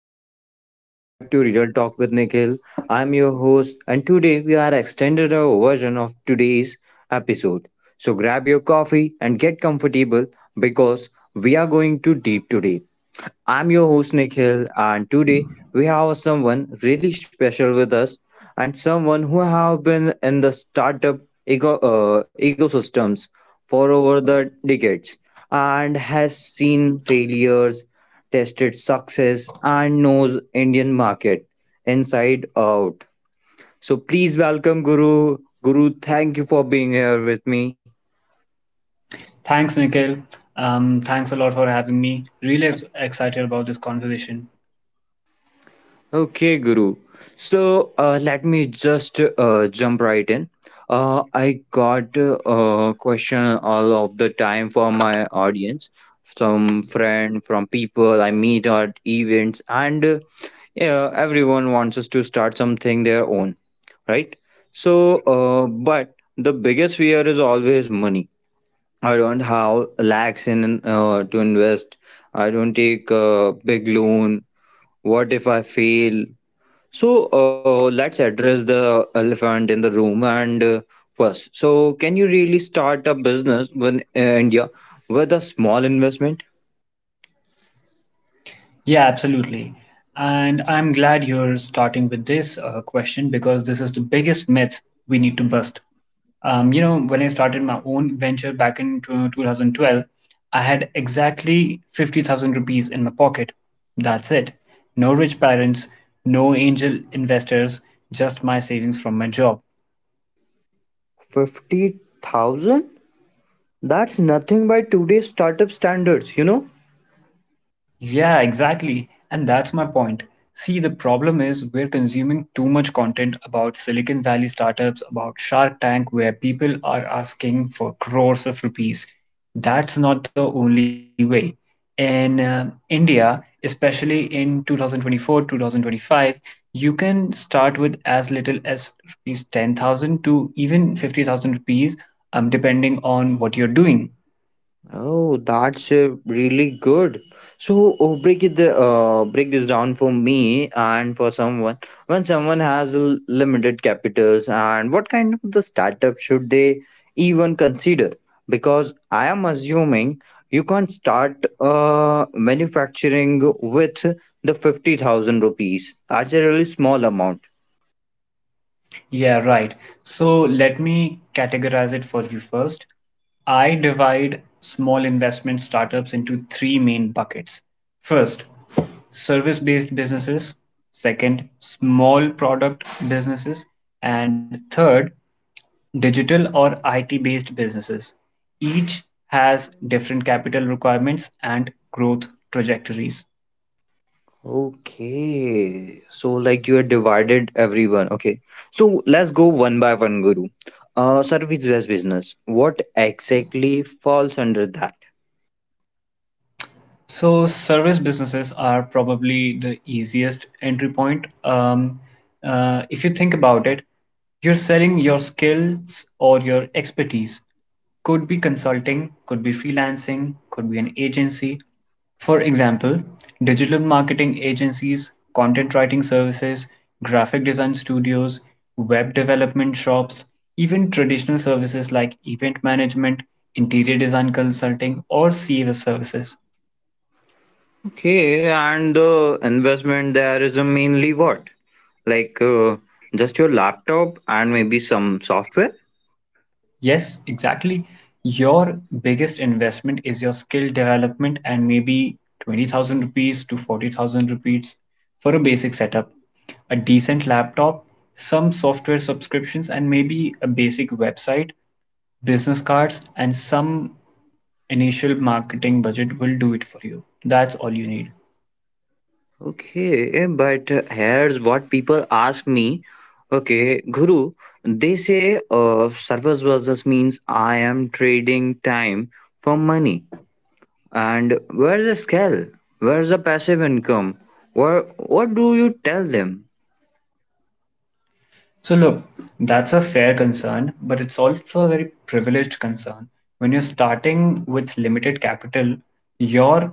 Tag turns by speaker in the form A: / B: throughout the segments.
A: everyone, and welcome back to Real Talk with Nikhil. I'm your host, and today we are extended our version of today's episode. So grab your coffee and get comfortable because we are going to deep today. I'm your host Nikhil, and today we have someone really special with us, and someone who have been in the startup ecosystems for over the decades, and has seen failures tested success and knows Indian market inside out. So please welcome Guru. Guru, thank you for being here with me.
B: Thanks, Nikhil. Thanks a lot for having me. Really excited about this conversation.
A: Okay, Guru. So let me just jump right in. I got a question all of the time from my audience, from friend, from people I meet at events, and yeah, everyone wants us to start something their own. Right? So, but the biggest fear is always money. I don't have lakhs in to invest. I don't take a big loan. What if I fail? So, let's address the elephant in the room and first. So, can you really start a business in India with a small investment?
B: Yeah, absolutely. And I'm glad you're starting with this question because this is the biggest myth we need to bust. You know, when I started my own venture back in 2012, I had exactly 50,000 rupees in my pocket. That's it. No rich parents, no angel investors, just my savings from my job.
A: 50,000? That's nothing by today's startup standards, you know?
B: Yeah, exactly. And that's my point. See, the problem is we're consuming too much content about Silicon Valley startups, about Shark Tank, where people are asking for crores of rupees. That's not the only way. In India, especially in 2024, 2025, you can start with as little as rupees 10,000 to even 50,000 rupees, depending on what you're doing.
A: Oh, that's really good. So oh, break it the break this down for me and for someone. When someone has limited capitals, and what kind of the startup should they even consider? Because I am assuming you can't start manufacturing with the 50,000 rupees. That's a really small amount.
B: Yeah, right. So let me categorize it for you first. I divide small investment startups into three main buckets. First, service based businesses. Second, small product businesses. And third, digital or IT based businesses. Each has different capital requirements and growth trajectories.
A: Okay, so like you are divided everyone. Okay, so let's go one by one, Guru. Service-based business. What exactly falls under that?
B: So service businesses are probably the easiest entry point. If you think about it, you're selling your skills or your expertise. Could be consulting, could be freelancing, could be an agency. For example, digital marketing agencies, content writing services, graphic design studios, web development shops, even traditional services like event management, interior design consulting, or CES services.
A: Okay, and the investment there is mainly what? Like just your laptop and maybe some software.
B: Yes, exactly. Your biggest investment is your skill development and maybe 20,000 rupees to 40,000 rupees for a basic setup, a decent laptop, some software subscriptions, and maybe a basic website, business cards, and some initial marketing budget will do it for you. That's all you need.
A: Okay, but here's what people ask me. Okay, Guru, they say service business means I am trading time for money. And where's the scale? Where's the passive income? What do you tell them?
B: So, look, that's a fair concern, but it's also a very privileged concern. When you're starting with limited capital, your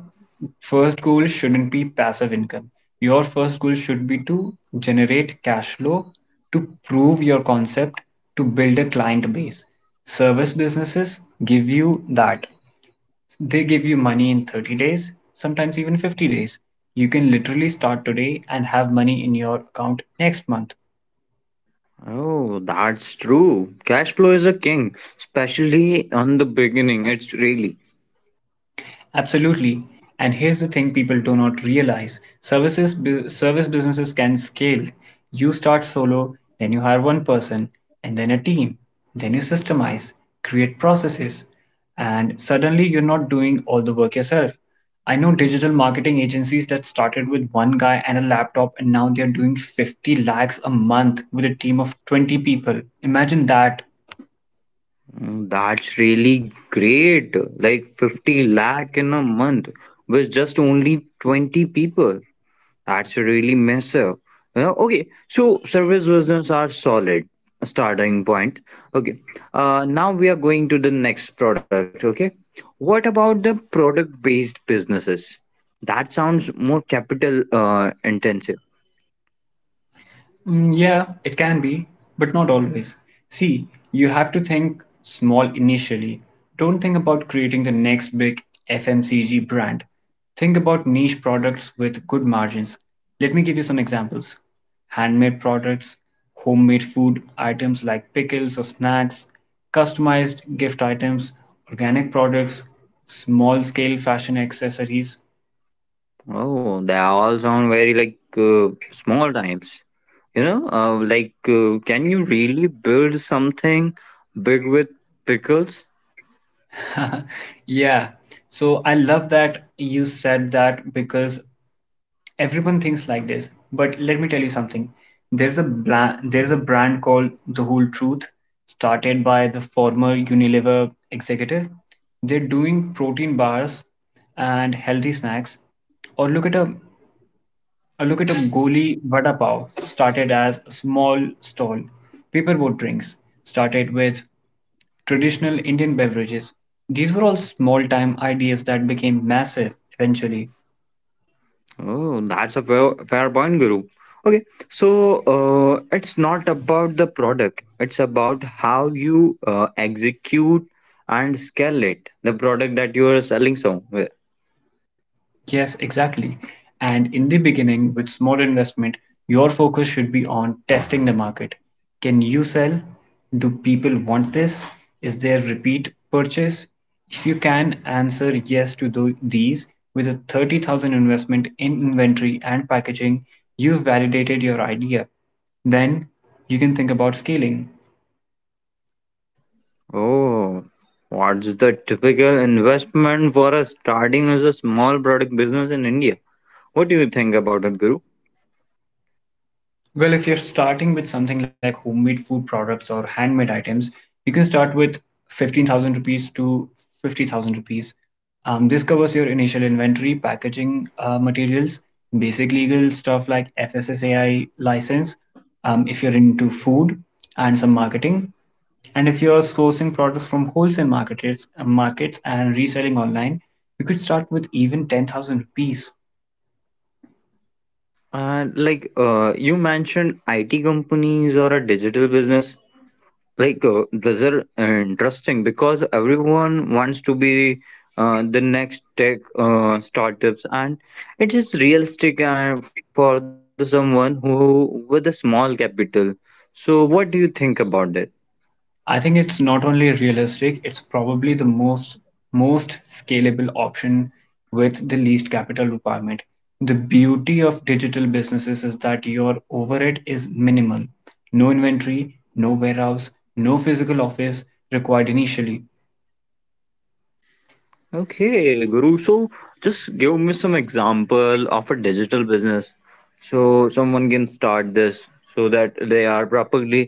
B: first goal shouldn't be passive income. Your first goal should be to generate cash flow, to prove your concept, to build a client base. Service businesses give you that. They give you money in 30 days, sometimes even 50 days. You can literally start today and have money in your account next month.
A: Oh, that's true. Cash flow is a king, especially on the beginning. It's really,
B: Absolutely. And here's the thing people do not realize. Service businesses can scale. You start solo, then you hire one person, and then a team. Then you systemize, create processes, and suddenly you're not doing all the work yourself. I know digital marketing agencies that started with one guy and a laptop and now they're doing 50 lakhs a month with a team of 20 people. Imagine that.
A: Mm, that's really great. Like 50 lakh in a month with just only 20 people. That's really massive. Okay, so service business are solid starting point. Okay, now we are going to the next product. Okay, what about the product based businesses? That sounds more capital intensive.
B: Mm, yeah, it can be, but not always. See, you have to think small initially. Don't think about creating the next big FMCG brand. Think about niche products with good margins. Let me give you some examples: handmade products, homemade food items like pickles or snacks, customized gift items, organic products, small scale fashion accessories.
A: Oh, they all sound very like small times. Like can you really build something big with pickles?
B: Yeah, so I love that you said that because everyone thinks like this, but let me tell you something. There's there's a brand called The Whole Truth, started by the former Unilever executive. They're doing protein bars and healthy snacks. or look at a or look at a Goli Vada Pav, started as a small stall. Paperboat drinks started with traditional Indian beverages. These were all small time ideas that became massive eventually.
A: Oh, that's a fair, fair point, Guru. Okay, so it's not about the product, it's about how you execute and scale it, the product that you are selling somewhere.
B: Yes, exactly. And in the beginning, with small investment, your focus should be on testing the market. Can you sell? Do people want this? Is there repeat purchase? If you can answer yes to these with a 30,000 investment in inventory and packaging, you've validated your idea. Then you can think about scaling.
A: Oh, what's the typical investment for a starting as a small product business in India? What do you think about it, Guru?
B: Well, if you're starting with something like homemade food products or handmade items, you can start with 15,000 rupees to 50,000 rupees. This covers your initial inventory, packaging materials, basic legal stuff like FSSAI license, if you're into food, and some marketing. And if you're sourcing products from wholesale markets and reselling online, you could start with even 10,000 rupees.
A: Like you mentioned IT companies or a digital business. Like those are interesting because everyone wants to be the next tech startups and it is realistic for the someone who with a small capital, so what do you think about that?
B: I think it's not only realistic, it's probably the most scalable option with the least capital requirement. The beauty of digital businesses is that your overhead is minimal. No inventory, no warehouse, no physical office required initially.
A: Okay, Guru, so just give me some example of a digital business so someone can start this so that they are properly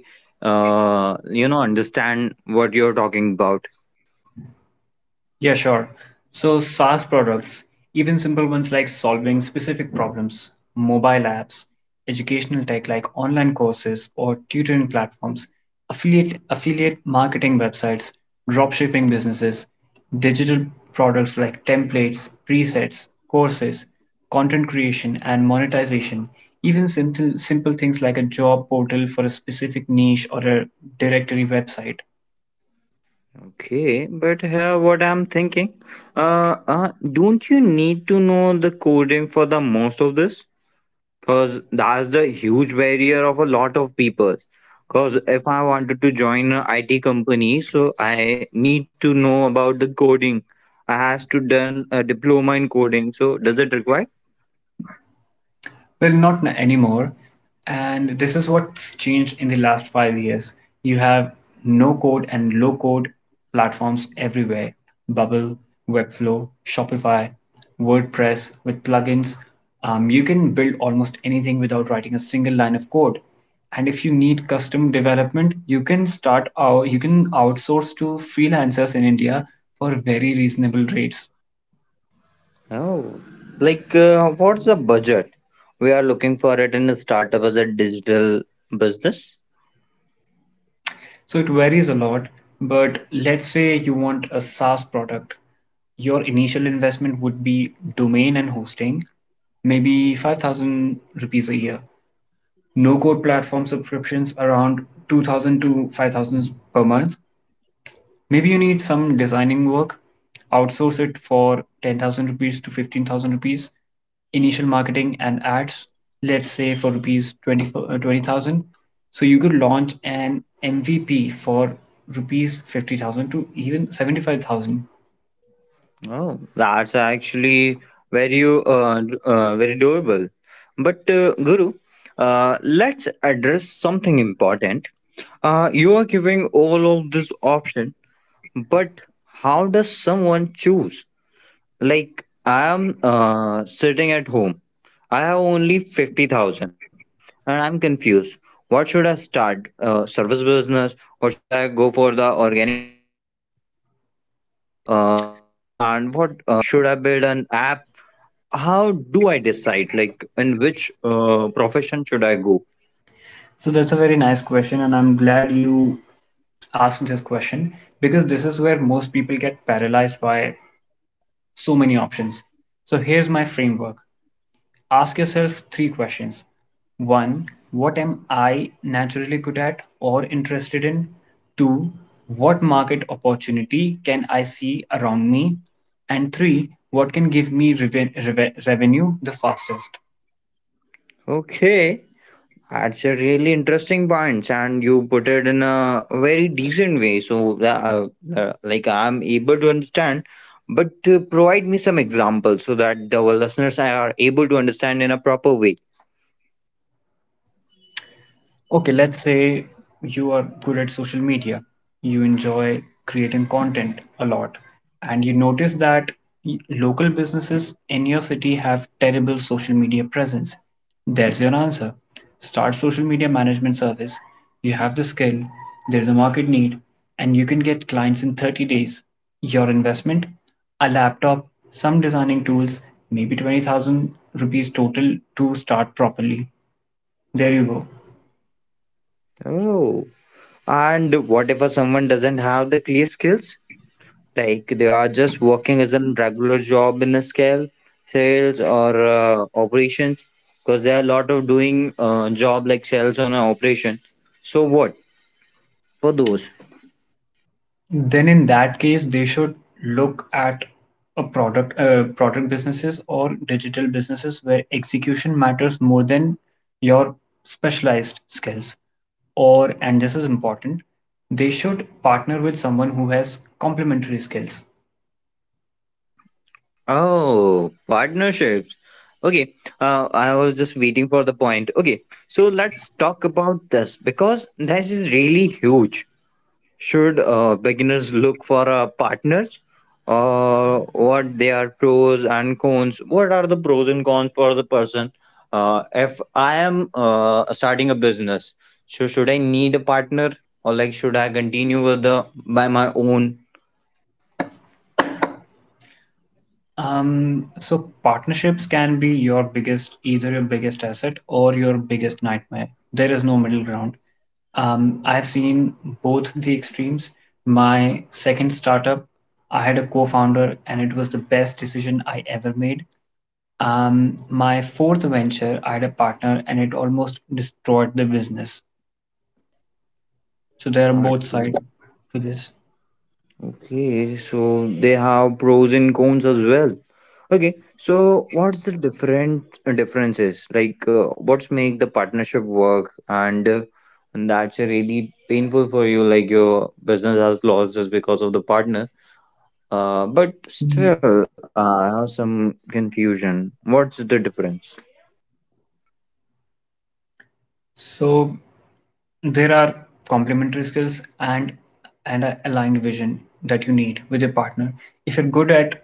A: understand what you're talking about.
B: Yeah, sure. So SaaS products, even simple ones like solving specific problems, mobile apps, educational tech like online courses or tutoring platforms, affiliate marketing websites, dropshipping businesses, digital products like templates, presets, courses, content creation and monetization, even simple things like a job portal for a specific niche or a directory website.
A: Okay, but here what I'm thinking, don't you need to know the coding for the most of this? Cause that's the huge barrier of a lot of people. Cause if I wanted to join a IT company, so I need to know about the coding. I has to done a diploma in coding. So does it require?
B: Well, not anymore. And this is what's changed in the last 5 years. You have no code and low code platforms everywhere. Bubble, Webflow, Shopify, WordPress with plugins. You can build almost anything without writing a single line of code. And if you need custom development, you can outsource to freelancers in India for very reasonable rates.
A: Oh, like what's the budget we are looking for it in a startup as a digital business?
B: So it varies a lot, but let's say you want a SaaS product. Your initial investment would be domain and hosting, maybe 5,000 rupees a year. No code platform subscriptions around 2,000 to 5,000 per month. Maybe you need some designing work, outsource it for 10,000 rupees to 15,000 rupees. Initial marketing and ads, let's say for rupees 20,000. So you could launch an MVP for rupees 50,000 to even 75,000.
A: Oh, that's actually very doable. But Guru, let's address something important. You are giving all of this option, but how does someone choose? Like I am sitting at home. I have only 50,000, and I'm confused. What should I start? Service business? What should I go for the organic shops? Soaps and what should I build an app? How do I decide? Like, in which profession should I go?
B: So that's a very nice question, and I'm glad you asked this question because this is where most people get paralyzed by so many options. So here's my framework. Ask yourself three questions. One, what am I naturally good at or interested in? Two, what market opportunity can I see around me? And three, what can give me revenue the fastest?
A: Okay, that's a really interesting point, and you put it in a very decent way. So, like, I'm able to understand, but provide me some examples so that our listeners are able to understand in a proper way.
B: Okay, let's say you are good at social media, you enjoy creating content a lot, and you notice that local businesses in your city have terrible social media presence. There's your answer. Start social media management service. You have the skill, there's a market need, and you can get clients in 30 days. Your investment, a laptop, some designing tools, maybe 20,000 rupees total to start properly. There you go.
A: Oh, and what if someone doesn't have the clear skills? Like they are just working as a regular job in a scale sales or operations, because there are a lot of doing job like sales on an operation, so what for those.
B: Then in that case, they should look at product businesses or digital businesses where execution matters more than your specialized skills. Or, and this is important, they should partner with someone who has complementary skills.
A: Oh, partnerships. Okay, I was just waiting for the point. Okay, so let's talk about this because this is really huge. Should beginners look for partners? What they are pros and cons? What are the pros and cons for the person? If I am starting a business, so should I need a partner, or like should I continue with the by my own?
B: So partnerships can be either your biggest asset or your biggest nightmare. There is no middle ground. I've seen both the extremes. My second startup, I had a co-founder, and it was the best decision I ever made. My fourth venture, I had a partner, and it almost destroyed the business. So there are
A: Hard
B: both
A: to
B: sides
A: say.
B: to this.
A: Okay, so they have pros and cons as well. Okay, so what's the different differences? Like, what's make the partnership work, and that's a really painful for you. Like your business has lost just because of the partner. But
B: Mhm.
A: still, I have some confusion. What's the difference?
B: So there are complementary skills and a aligned vision that you need with your partner. If you're good at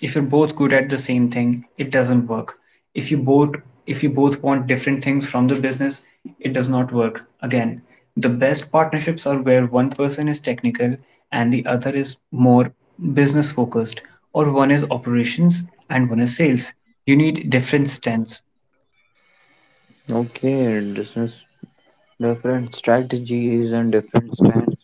B: If you're both good at the same thing, it doesn't work. If you both if you both want different things from the business, it does not work. Again, the best partnerships are where one person is technical and the other is more business focused, or one is operations and one is sales. You need different strengths.
A: Okay, business different strategies and different stands.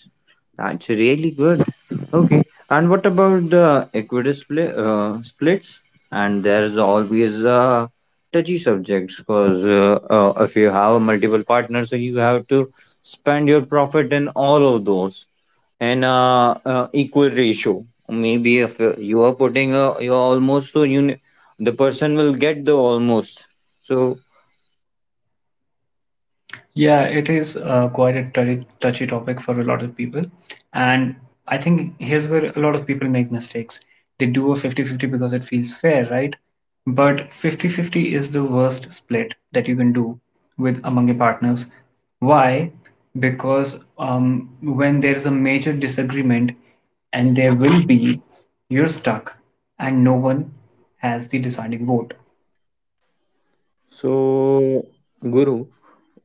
A: That's really good. Okay, and what about the equity splits? And there's always a touchy subjects because if you have multiple partners, so you have to spend your profit in all of those in equal ratio. Maybe if you are putting you almost so the person will get the almost. So,
B: Yeah, it is quite a touchy topic for a lot of people. And I think here's where a lot of people make mistakes. They do a 50-50 because it feels fair, right? But 50-50 is the worst split that you can do with among your partners. Why? Because when there's a major disagreement, and there will be, you're stuck, and no one has the deciding vote.
A: So, Guru,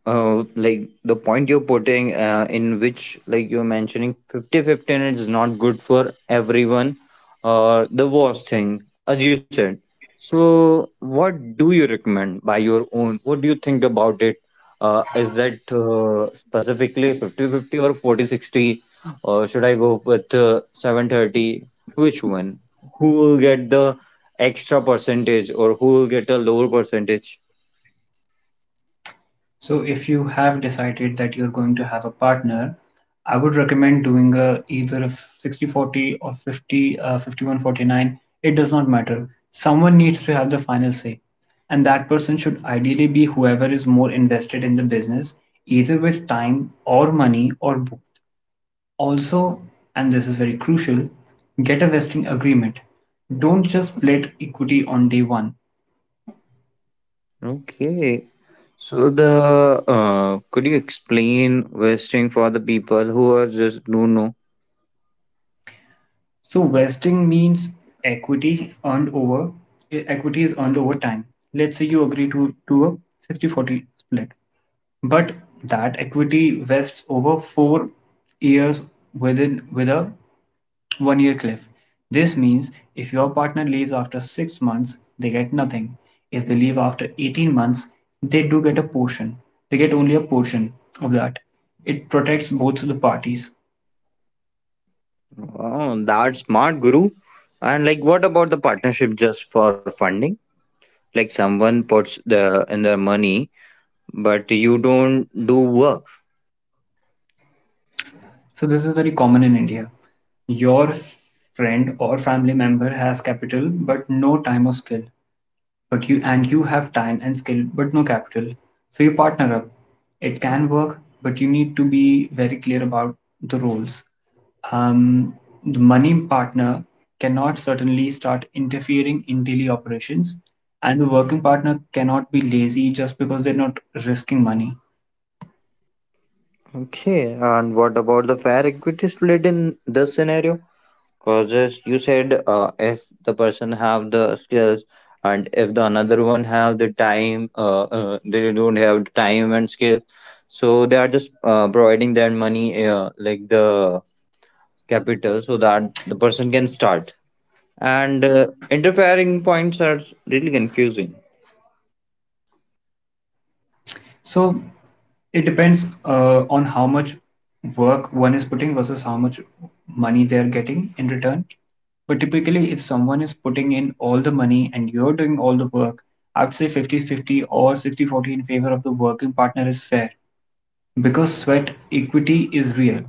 A: like the point you're putting in which like you're mentioning 50 15 is not good for everyone, or the worst thing as you said. So what do you recommend by your own? What do you think about it? Is that specifically 50-50 or 40-60, or should I go with 730? Which one? Who will get the extra percentage or who will get a lower percentage?
B: So if you have decided that you're going to have a partner, I would recommend doing either a 60-40 or 51-49. It does not matter. Someone needs to have the final say. And that person should ideally be whoever is more invested in the business, either with time or money or both. Also, and this is very crucial, get a vesting agreement. Don't just split equity on day one.
A: Okay. So the could you explain vesting for the people who are just do not know?
B: So vesting means equity earned over equity is earned over time. Let's say you agree to a 60-40 split, but that equity vests over 4 years with a 1 year cliff. This means if your partner leaves after 6 months, they get nothing. If they leave after 18 months, they do get a portion. They get only a portion of that. It protects both the parties.
A: Wow, that's smart, Guru. And like, what about the partnership just for funding? Like someone puts the in their money, but you don't do work.
B: So this is very common in India. Your friend or family member has capital but no time or skill. But you have time and skill but no capital. So you partner up. It can work, but you need to be very clear about the roles. Um, the money partner cannot certainly start interfering in daily operations, and the working partner cannot be lazy just because they're not risking money.
A: Okay. And what about the fair equity split in this scenario? Cause as you said, if the person have the skills and if the another one have the time, they don't have the time and skills, so they are just providing their money, like the capital, so that the person can start. And interfering points are really confusing.
B: So it depends on how much work one is putting versus how much money they're getting in return. But typically, if someone is putting in all the money and you're doing all the work, I would say fifty-fifty or 60-40 in favor of the working partner is fair because sweat equity is real.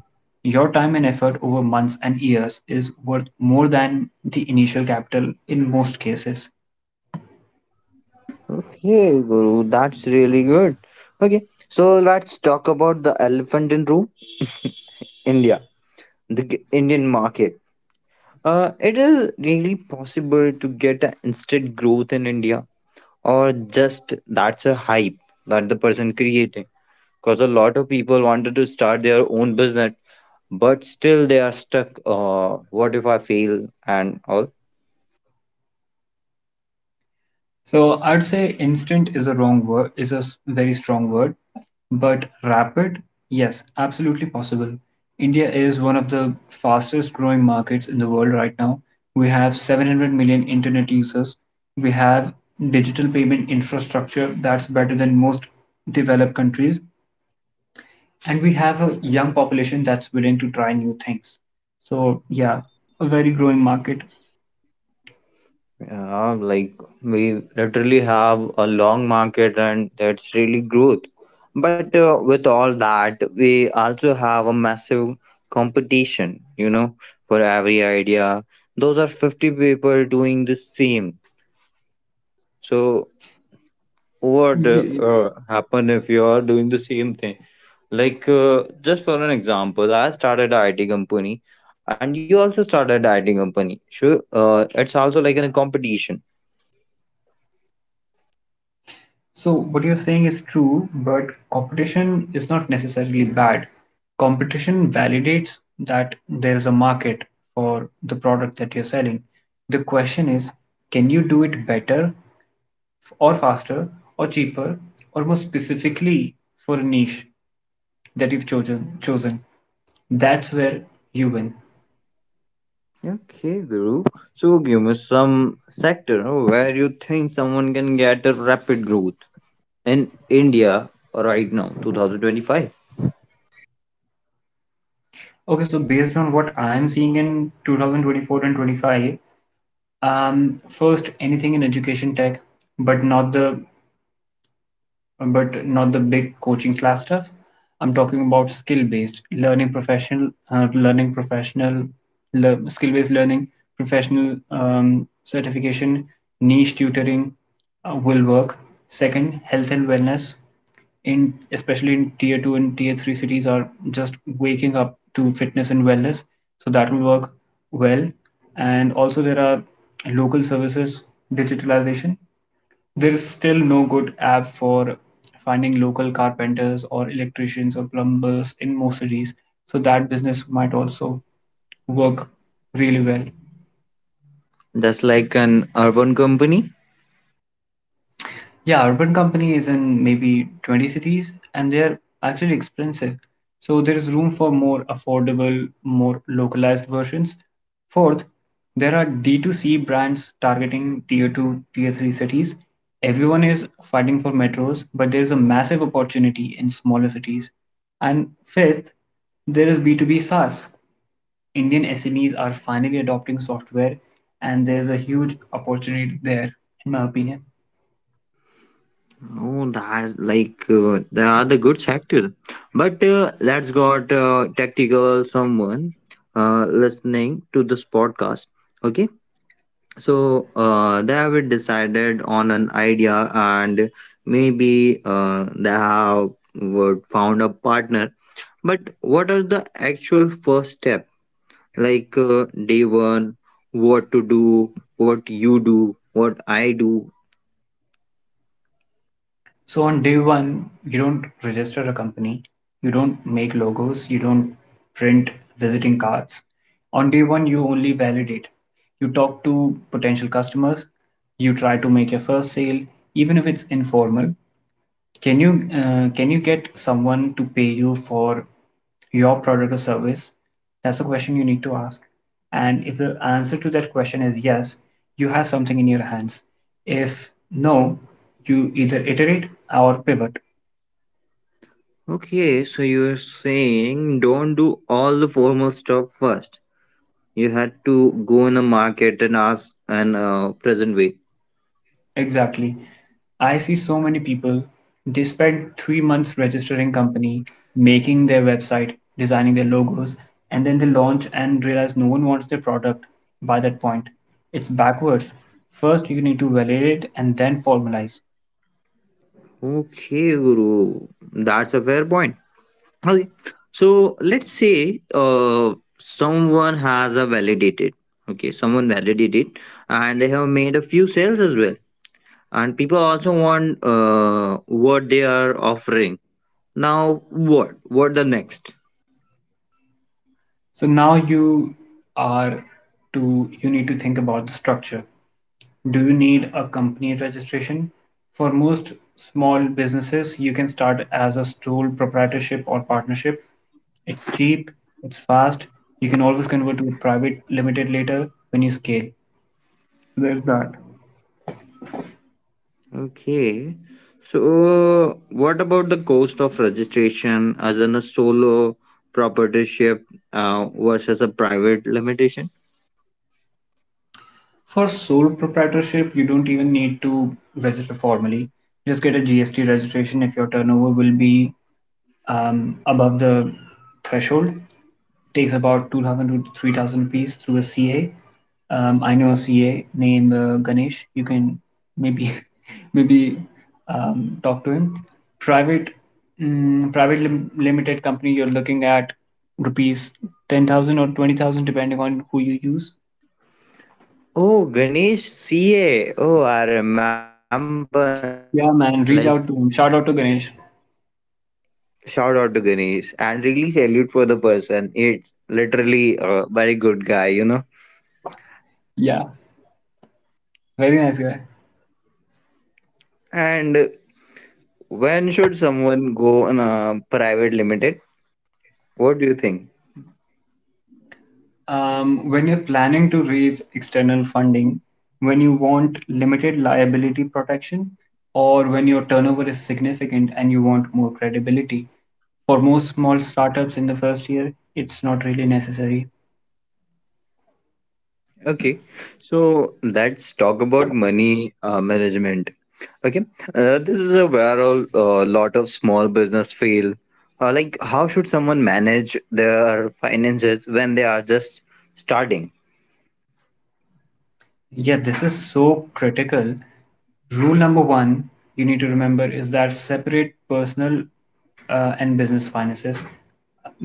B: Your time and effort over months and years is worth more than the initial capital in most cases.
A: Okay, Guru, that's really good. Okay, so let's talk about the elephant in room, India, the Indian market. It is really possible to get an instant growth in India, or just that's a hype that the person creating. Because a lot of people wanted to start their own business, but still they are stuck. What if I fail and all.
B: So I'd say instant is a wrong word, is a very strong word, but rapid, yes, absolutely possible. India is one of the fastest growing markets in the world right now. We have 700 million internet users. We have digital payment infrastructure that's better than most developed countries. And we have a young population that's willing to try new things. So, yeah, a very growing market.
A: Yeah, like we literally have a long market and that's really growth. But with all that, we also have a massive competition, for every idea. Those are 50 people doing the same. So, what
B: Y-
A: happen if you are doing the same thing? Like, just for an example, I started a IT company and you also started a IT company. Sure, it's also like in a competition.
B: So what you're saying is true, but competition is not necessarily bad. Competition validates that there is a market for the product that you're selling. The question is, can you do it better or faster or cheaper or more specifically for a niche that you've chosen? That's where you win.
A: Okay, Guru. So give me some sector no, where you think someone can get a rapid growth in India right now, 2025.
B: Okay, so based on what I am seeing in 2024 and 25, first anything in education tech, but not the big coaching class stuff. I'm talking about skill-based learning, professional le- skill-based learning, professional certification, niche tutoring will work. Second, health and wellness in especially in tier two and tier three cities are just waking up to fitness and wellness, so that will work well. And also there are local services, digitalization, there is still no good app for finding local carpenters or electricians or plumbers in most cities, so that business might also work really well.
A: That's like an urban company.
B: Yeah, Urban Company is in maybe 20 cities and they're actually expensive. So there is room for more affordable, more localized versions. Fourth, there are D2C brands targeting tier 2, tier 3 cities. Everyone is fighting for metros, but there is a massive opportunity in smaller cities. And fifth, there is B2B SaaS. Indian SMEs are finally adopting software, and there is a huge opportunity there, in my opinion.
A: Oh, that's like they are the good sector. But let's got tactical someone listening to this podcast. Okay, so they have decided on an idea, and maybe they have would found a partner. But what are the actual first step? Like day one, what to do, what you do, what I do.
B: So on day one, you don't register a company, you don't make logos, you don't print visiting cards. On day one, you only validate. You talk to potential customers, you try to make your first sale, even if it's informal. Can you get someone to pay you for your product or service? That's a question you need to ask. And if the answer to that question is yes, you have something in your hands. If no, you either iterate or pivot.
A: Okay, so you're saying don't do all the formal stuff first. You had to go in the market and ask in a present way.
B: Exactly. I see so many people, they spend 3 months registering company, making their website, designing their logos, and then they launch and realize no one wants their product by that point. It's backwards. First, you need to validate and then formalize.
A: Okay, Guru, that's a fair point. Okay. So let's say someone has a validated, okay, someone validated and they have made a few sales as well. And people also want what they are offering. Now, what? What the next?
B: So now are you need to think about the structure. Do you need a company registration? For most small businesses, you can start as a sole proprietorship or partnership. It's cheap, it's fast. You can always convert to a private limited later when you scale. So there's that.
A: Okay. So, what about the cost of registration as in a solo proprietorship versus a private limitation?
B: For sole proprietorship, you don't even need to register formally. Just get a GST registration if your turnover will be above the threshold. It takes about 2,000 to 3,000 rupees through a CA. I know a CA named Ganesh. You can maybe maybe talk to him. Private private limited company, you're looking at rupees 10,000 or 20,000 depending on who you use.
A: Oh, Ganesh CA. Oh, I remember now.
B: Yeah, man,
A: Like,
B: reach out to him. Shout out to Ganesh.
A: shout out to Ganesh and really salute for the person. It's literally a very good guy, you know.
B: Yeah, very nice guy.
A: And when should someone go on a private limited? What do you think?
B: When you're planning to raise external funding, when you want limited liability protection, or when your turnover is significant and you want more credibility. For most small startups in the first year, it's not really necessary.
A: Okay, so let's talk about money management. Okay, this is a where a lot of small business fail. Like, how should someone manage their finances when they are just starting?
B: Yeah, this is so critical. Rule number one you need to remember is that separate personal and business finances.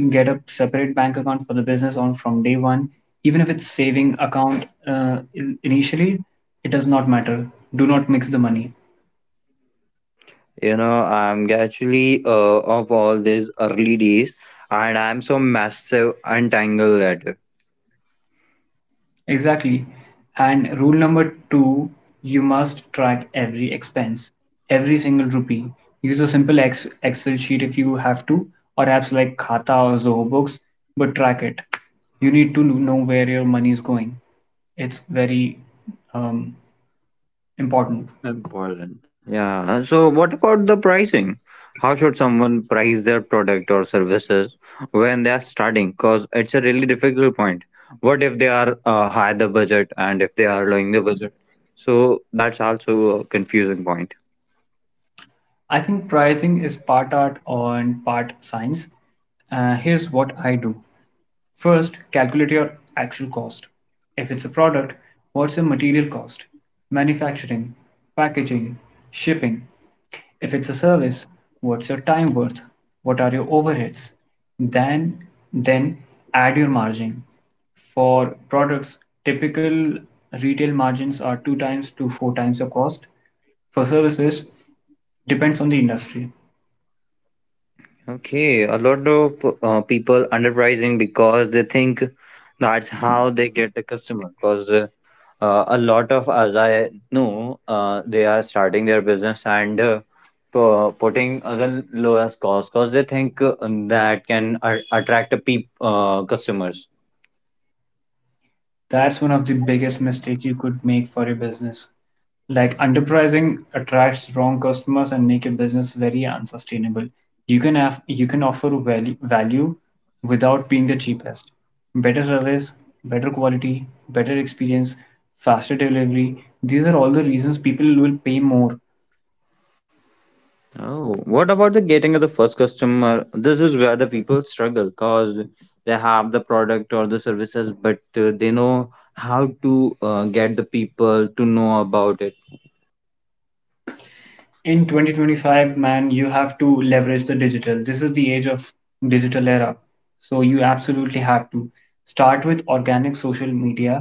B: Get a separate bank account for the business on from day one. Even if it's saving account initially, it does not matter. Do not mix the money.
A: I'm actually of all these early days, and I'm so massive untangled at it.
B: Exactly. And rule number two, you must track every expense, every single rupee. Use a simple Excel sheet if you have to, or apps like Khata or Zoho Books, but track it. You need to know where your money is going. It's very um, important.
A: Important. Yeah. So, what about the pricing? How should someone price their product or services when they are starting? Because it's a really difficult point. What if they are high the budget and if they are lowering the budget? So that's also a confusing point.
B: I think pricing is part art and part science. Here's what I do. First, calculate your actual cost. If it's a product, what's your material cost? Manufacturing, packaging, shipping. If it's a service, what's your time worth? What are your overheads? Then, then add your margin. For products, typical retail margins are two times to four times your cost. For services, depends on the industry.
A: Okay, a lot of people underpricing because they think that's how they get a customer. Because a lot of us I know, they are starting their business and putting other lowest cost because they think that can attract a peop customers.
B: That's one of the biggest mistakes you could make for your business. Like underpricing attracts wrong customers and make your business very unsustainable. You can offer value without being the cheapest. Better service, better quality, better experience, faster delivery. These are all the reasons people will pay more.
A: Oh, what about the getting of the first customer? This is where the people struggle because they have the product or the services, but they know how to get the people to know about it.
B: In 2025, man, you have to leverage the digital. This is the age of digital era, so you absolutely have to start with organic social media,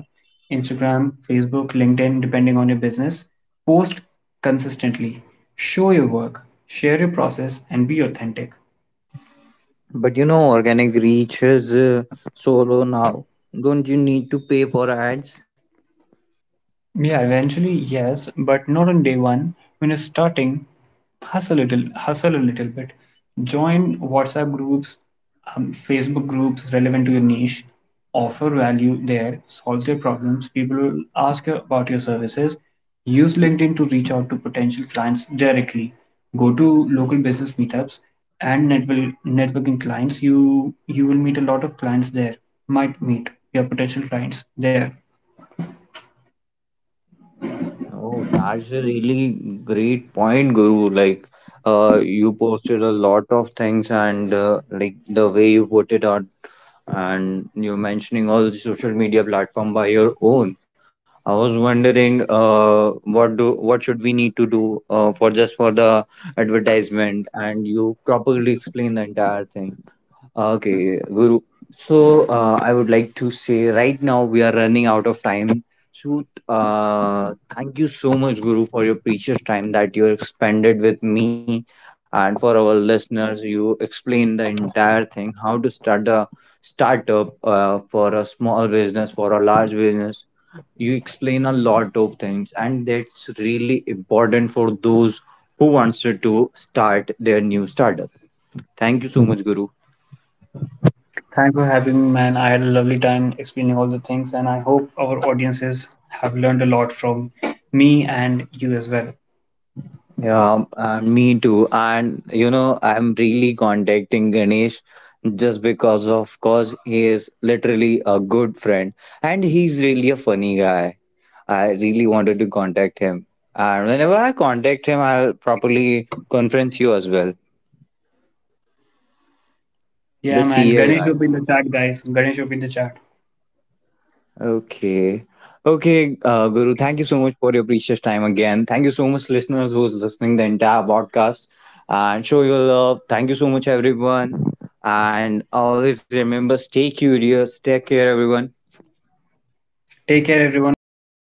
B: Instagram, Facebook, LinkedIn, depending on your business. Post consistently, show your work, share your process, and be authentic.
A: But organic reach is so low now. Don't you need to pay for ads?
B: Yeah, eventually, yes, but not on day one. When you're starting, hustle a little bit. Join WhatsApp groups, Facebook groups relevant to your niche. Offer value there, solve their problems. People will ask you about your services. Use LinkedIn to reach out to potential clients directly. Go to local business meetups and network, networking clients. You will meet a lot of clients there. Might meet your potential clients there.
A: Oh, that's a really great point, Guru. Like, you posted a lot of things, and like the way you put it out and you're mentioning all the social media platform by your own. I was wondering, what do what should we need to do for the advertisement? And you properly explain the entire thing. Okay, Guru. So I would like to say right now we are running out of time. So thank you so much, Guru, for your precious time that you expended with me and for our listeners. You explained the entire thing, how to start the startup for a small business, for a large business. You explain a lot of things, and that's really important for those who wants to start their new startup. Thank you so much, Guru.
B: Thanks for having me, man. I had a lovely time explaining all the things, and I hope our audiences have learned a lot from me and you as well.
A: Yeah, and me too. And I'm really contacting Ganesh just because, of course, he is literally a good friend and he's really a funny guy. I really wanted to contact him. And whenever I contact him, I'll probably conference you as well, the
B: Yeah, man.
A: CA guy.
B: Ganesh will be in the chat, guys. Ganesh will be in the chat.
A: Okay. Okay, Guru, thank you so much for your precious time again. Thank you so much, listeners, who's listening the entire podcast. And show your love. Thank you so much, everyone. And always remember, stay curious. Take care, everyone.
B: Take care, everyone. Bye bye.